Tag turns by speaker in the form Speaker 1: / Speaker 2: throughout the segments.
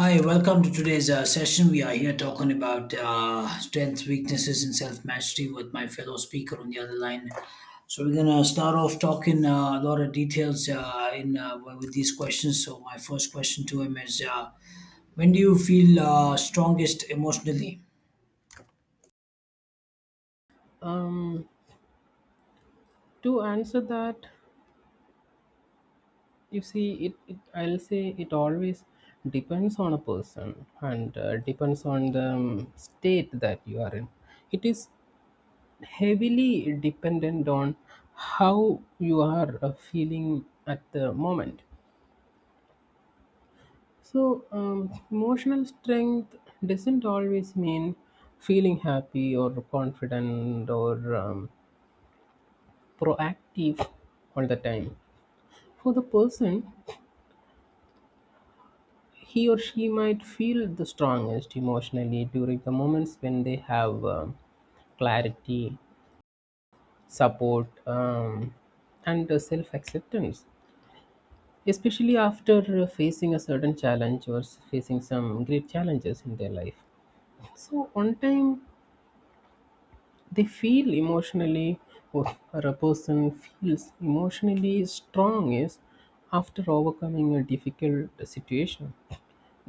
Speaker 1: Hi, welcome to today's session. We are here talking about strengths, weaknesses, and self mastery with my fellow speaker on the other line. So we're gonna start off talking a lot of details in with these questions. So my first question to him is, when do you feel strongest emotionally?
Speaker 2: Um, to answer that, you see, it I'll say it always depends on a person and depends on the state that you are in. It is heavily dependent on how you are feeling at the moment. So, emotional strength doesn't always mean feeling happy or confident or proactive all the time. For the person, he or she might feel the strongest emotionally during the moments when they have clarity, support, and self acceptance, especially after facing a certain challenge or facing some great challenges in their life. So, one time they feel emotionally, or or a person feels emotionally strong is after overcoming a difficult situation.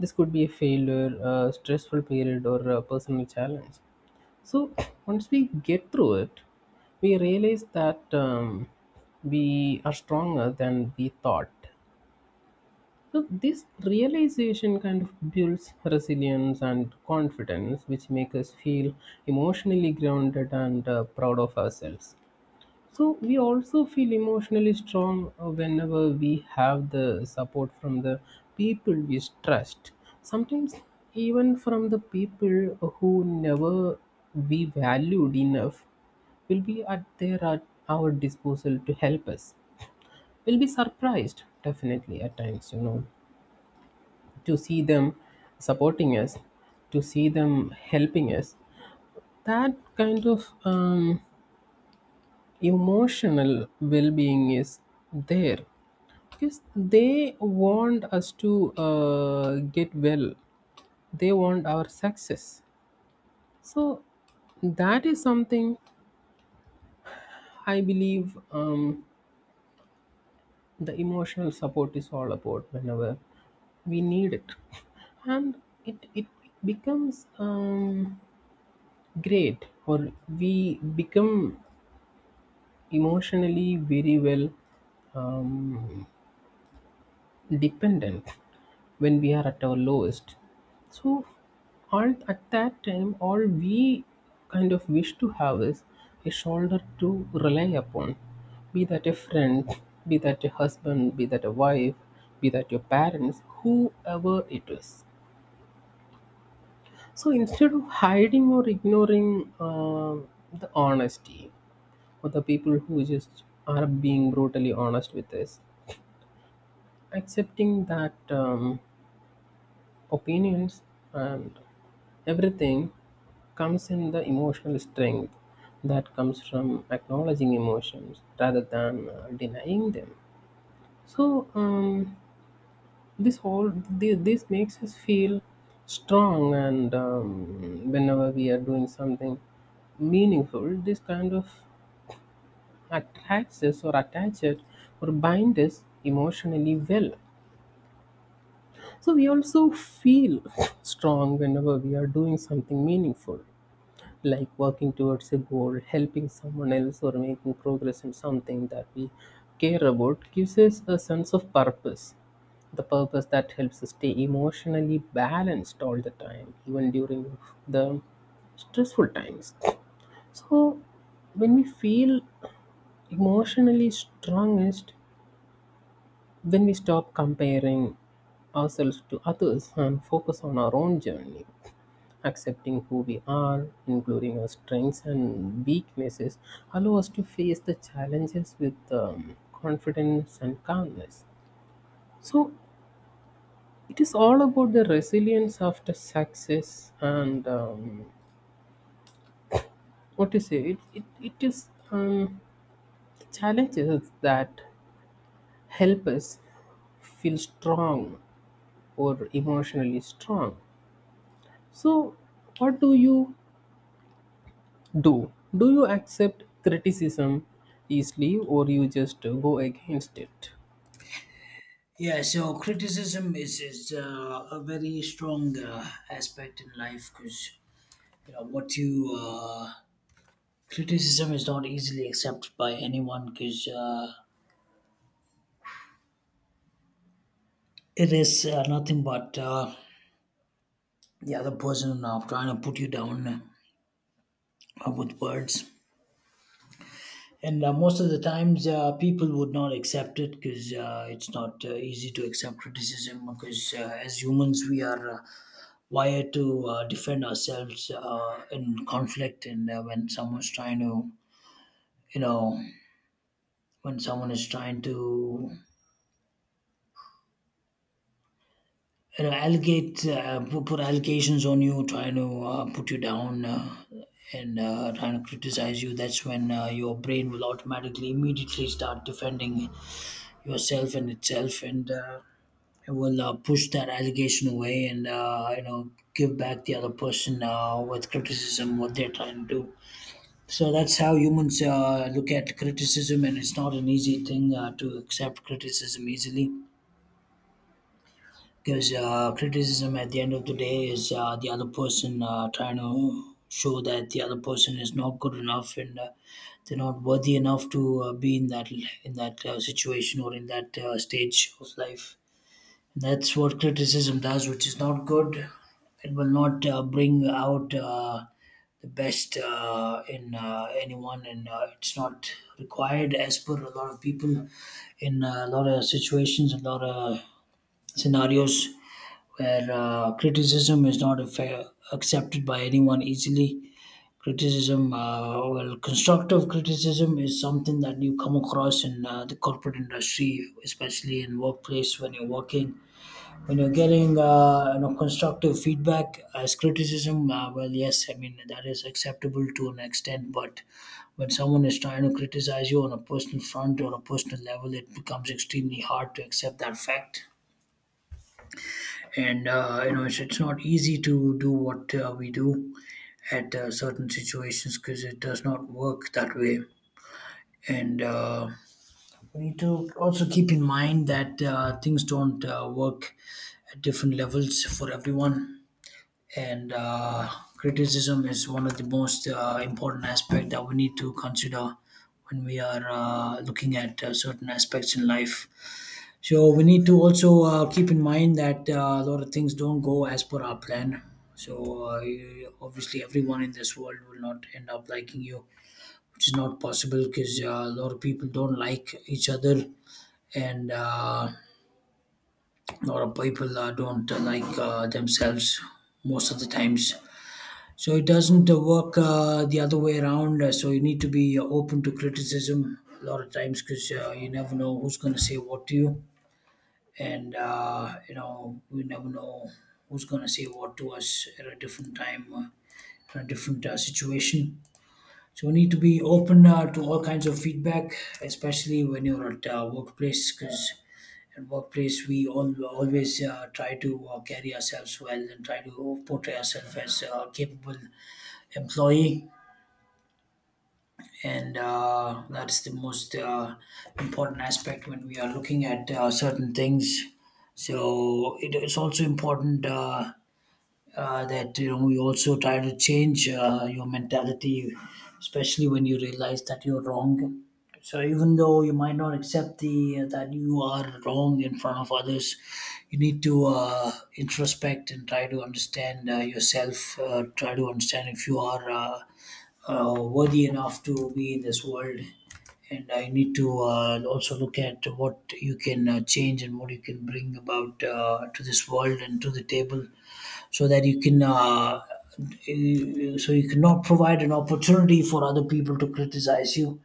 Speaker 2: This could be a failure, a stressful period, or a personal challenge. So once we get through it, we realize that we are stronger than we thought. So this realization kind of builds resilience and confidence, which make us feel emotionally grounded and proud of ourselves. So we also feel emotionally strong whenever we have the support from the people we trust. Sometimes even from the people who never we valued enough will be at our disposal to help us. We'll be surprised definitely at times, you know, to see them supporting us, to see them helping us. That kind of emotional well-being is there, because they want us to get well, they want our success. So that is something I believe the emotional support is all about whenever we need it, and it becomes great, or we become emotionally very well um, dependent when we are at our lowest. So, aren't at that time all we kind of wish to have is a shoulder to rely upon? Be that a friend, be that a husband, be that a wife, be that your parents, whoever it is. So, instead of hiding or ignoring the honesty or the people who just are being brutally honest with us, accepting that. Opinions and everything comes in the emotional strength that comes from acknowledging emotions rather than denying them. So this whole this makes us feel strong, and whenever we are doing something meaningful, this kind of attracts us, or attaches or bind us emotionally well. So we also feel strong whenever we are doing something meaningful, like working towards a goal, helping someone else, or making progress in something that we care about gives us a sense of purpose. The purpose that helps us stay emotionally balanced all the time, even during the stressful times. So, when we feel emotionally strongest, when we stop comparing ourselves to others and focus on our own journey, accepting who we are, including our strengths and weaknesses, allow us to face the challenges with confidence and calmness. So it is all about the resilience after success, and what to say. It is challenges that help us feel strong or emotionally strong. So, what do you do? Do you accept criticism easily, or you just go against it?
Speaker 1: Yeah, so criticism is a very strong aspect in life because you know what you criticism is not easily accepted by anyone, because it is nothing but the other person trying to put you down with words. And most of the times, people would not accept it because it's not easy to accept criticism. Because as humans, we are wired to defend ourselves in conflict, and when someone's trying to, you know, when someone is trying to, you know, allocate, put allegations on you, trying to put you down and trying to criticize you, that's when your brain will automatically immediately start defending yourself and itself, and it will push that allegation away and, you know, give back the other person with criticism what they're trying to do. So that's how humans look at criticism, and it's not an easy thing to accept criticism easily. Because criticism at the end of the day is the other person trying to show that the other person is not good enough, and they're not worthy enough to be in that situation or in that stage of life. That's what criticism does, which is not good. It will not bring out the best in anyone, and it's not required as per a lot of people in a lot of situations, a lot of scenarios where criticism is not accepted by anyone easily. Criticism, well, constructive criticism is something that you come across in the corporate industry, especially in workplace when you're working. When you're getting you know, constructive feedback as criticism, well, yes, I mean that is acceptable to an extent, but when someone is trying to criticize you on a personal front or a personal level, it becomes extremely hard to accept that fact, and you know it's not easy to do what we do at certain situations because it does not work that way, and we need to also keep in mind that things don't work at different levels for everyone, and criticism is one of the most important aspect that we need to consider when we are looking at certain aspects in life. So we need to also keep in mind that a lot of things don't go as per our plan. So obviously, everyone in this world will not end up liking you, which is not possible because a lot of people don't like each other, and a lot of people don't like themselves most of the times. So it doesn't work the other way around. So you need to be open to criticism a lot of times because you never know who's going to say what to you, and you know we never know who's going to say what to us at a different time in a different situation. So we need to be open to all kinds of feedback, especially when you're at workplace, because at workplace we all always try to carry ourselves well and try to portray ourselves as a capable employee, and that's the most important aspect when we are looking at certain things. So it is also important, that you know you also try to change your mentality, especially when you realize that you're wrong. So even though you might not accept the that you are wrong in front of others, you need to introspect and try to understand yourself, try to understand if you are worthy enough to be in this world, and I need to also look at what you can change and what you can bring about to this world and to the table, so that you can so you cannot provide an opportunity for other people to criticize you.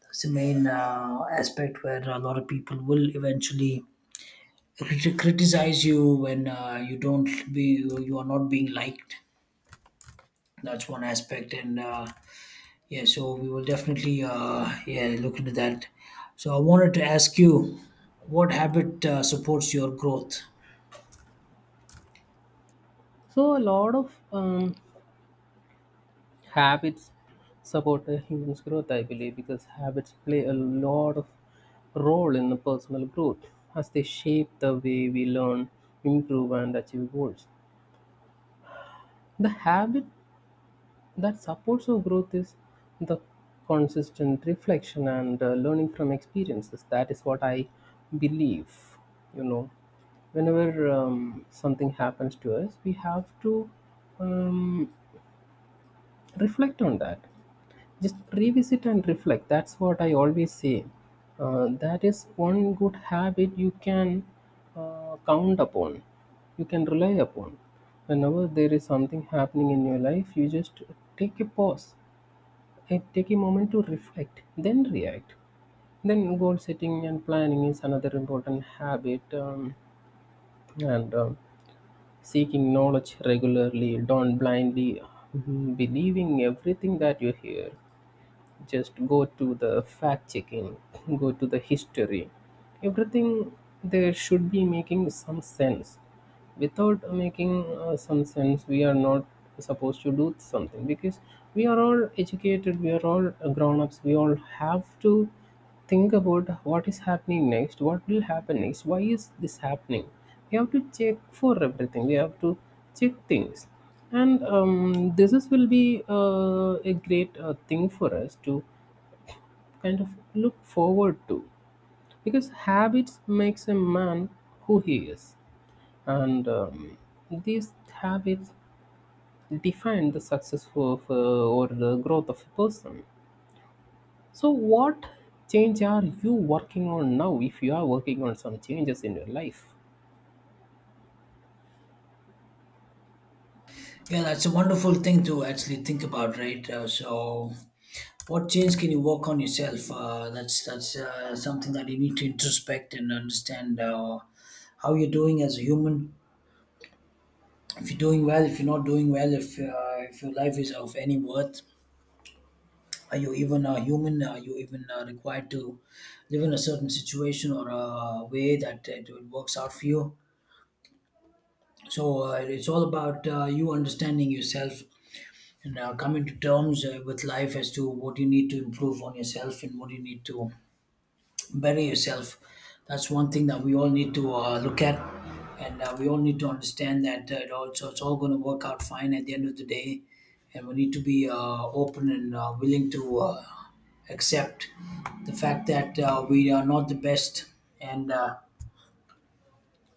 Speaker 1: That's the main aspect where a lot of people will eventually criticize you when you don't be you are not being liked. That's one aspect, and yeah so we will definitely yeah, look into that. So I wanted to ask you, what habit supports your growth?
Speaker 2: So, a lot of habits support a human's growth, I believe, because habits play a lot of role in the personal growth as they shape the way we learn, improve, and achieve goals. The habit that supports of growth is the consistent reflection and learning from experiences. That is what I believe. You know, whenever something happens to us, we have to um, reflect on that. Just revisit and reflect. That's what I always say. That is one good habit you can count upon, you can rely upon. Whenever there is something happening in your life, you just take a pause. I take a moment to reflect, then react. Then goal setting and planning is another important habit, and seeking knowledge regularly. Don't blindly believing everything that you hear. Just go to the fact checking, go to the history. Everything there should be making some sense. Without making some sense, we are not supposed to do something, because we are all educated, we are all grown ups, we all have to think about what is happening next, what will happen next, why is this happening. We have to check for everything, we have to check things. And this is, will be a great thing for us to kind of look forward to, because habits makes a man who he is. And these habits define the success of, or the growth of a person. So what change are you working on now, if you are working on some changes in your life?
Speaker 1: Yeah, that's a wonderful thing to actually think about, right? So, what change can you work on yourself? That's something that you need to introspect and understand how you're doing as a human. If you're doing well, if you're not doing well, if if your life is of any worth, are you even a human? Are you even required to live in a certain situation or a way that it works out for you? So it's all about you understanding yourself, and coming to terms with life as to what you need to improve on yourself and what you need to better yourself. That's one thing that we all need to look at, and we all need to understand that it also it's all going to work out fine at the end of the day, and we need to be open and willing to accept the fact that we are not the best and.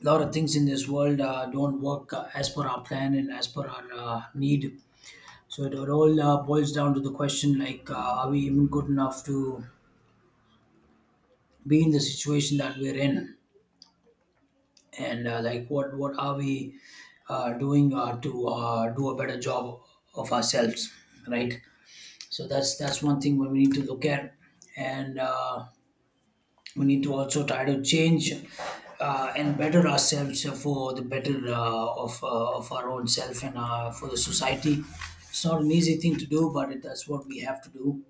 Speaker 1: A lot of things in this world don't work as per our plan and as per our need. So it all boils down to the question like, are we even good enough to be in the situation that we're in? And like, what are we doing to do a better job of ourselves, right? So that's one thing what we need to look at, and we need to also try to change and better ourselves for the better of of our own self and for the society. It's not an easy thing to do, but that's what we have to do,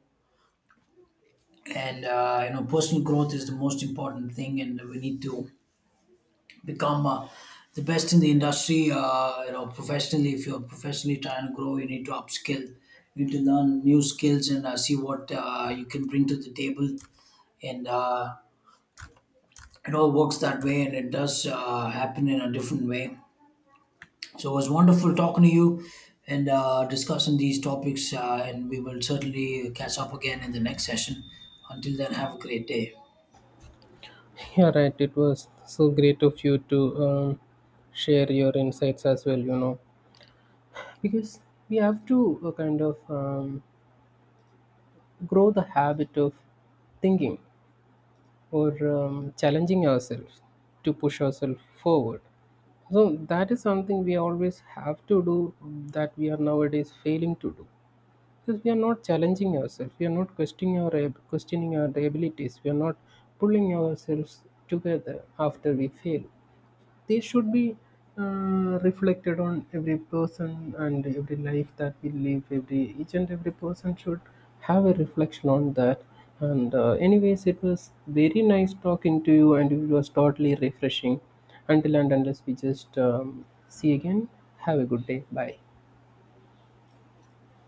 Speaker 1: and you know, personal growth is the most important thing, and we need to become the best in the industry, you know, professionally. If you're professionally trying to grow, you need to upskill, you need to learn new skills and see what you can bring to the table, and it all works that way, and it does happen in a different way. So it was wonderful talking to you and discussing these topics, and we will certainly catch up again in the next session. Until then, have a great day.
Speaker 2: Yeah, right, it was so great of you to share your insights as well, you know, because we have to kind of grow the habit of thinking or challenging ourselves to push ourselves forward. So that is something we always have to do, that we are nowadays failing to do, because we are not challenging ourselves. We are not questioning our abilities. We are not pulling ourselves together after we fail. They should be reflected on every person and every life that we live. Every each and every person should have a reflection on that. And anyways, it was very nice talking to you, and it was totally refreshing. Until and unless we just see again, have a good day. Bye.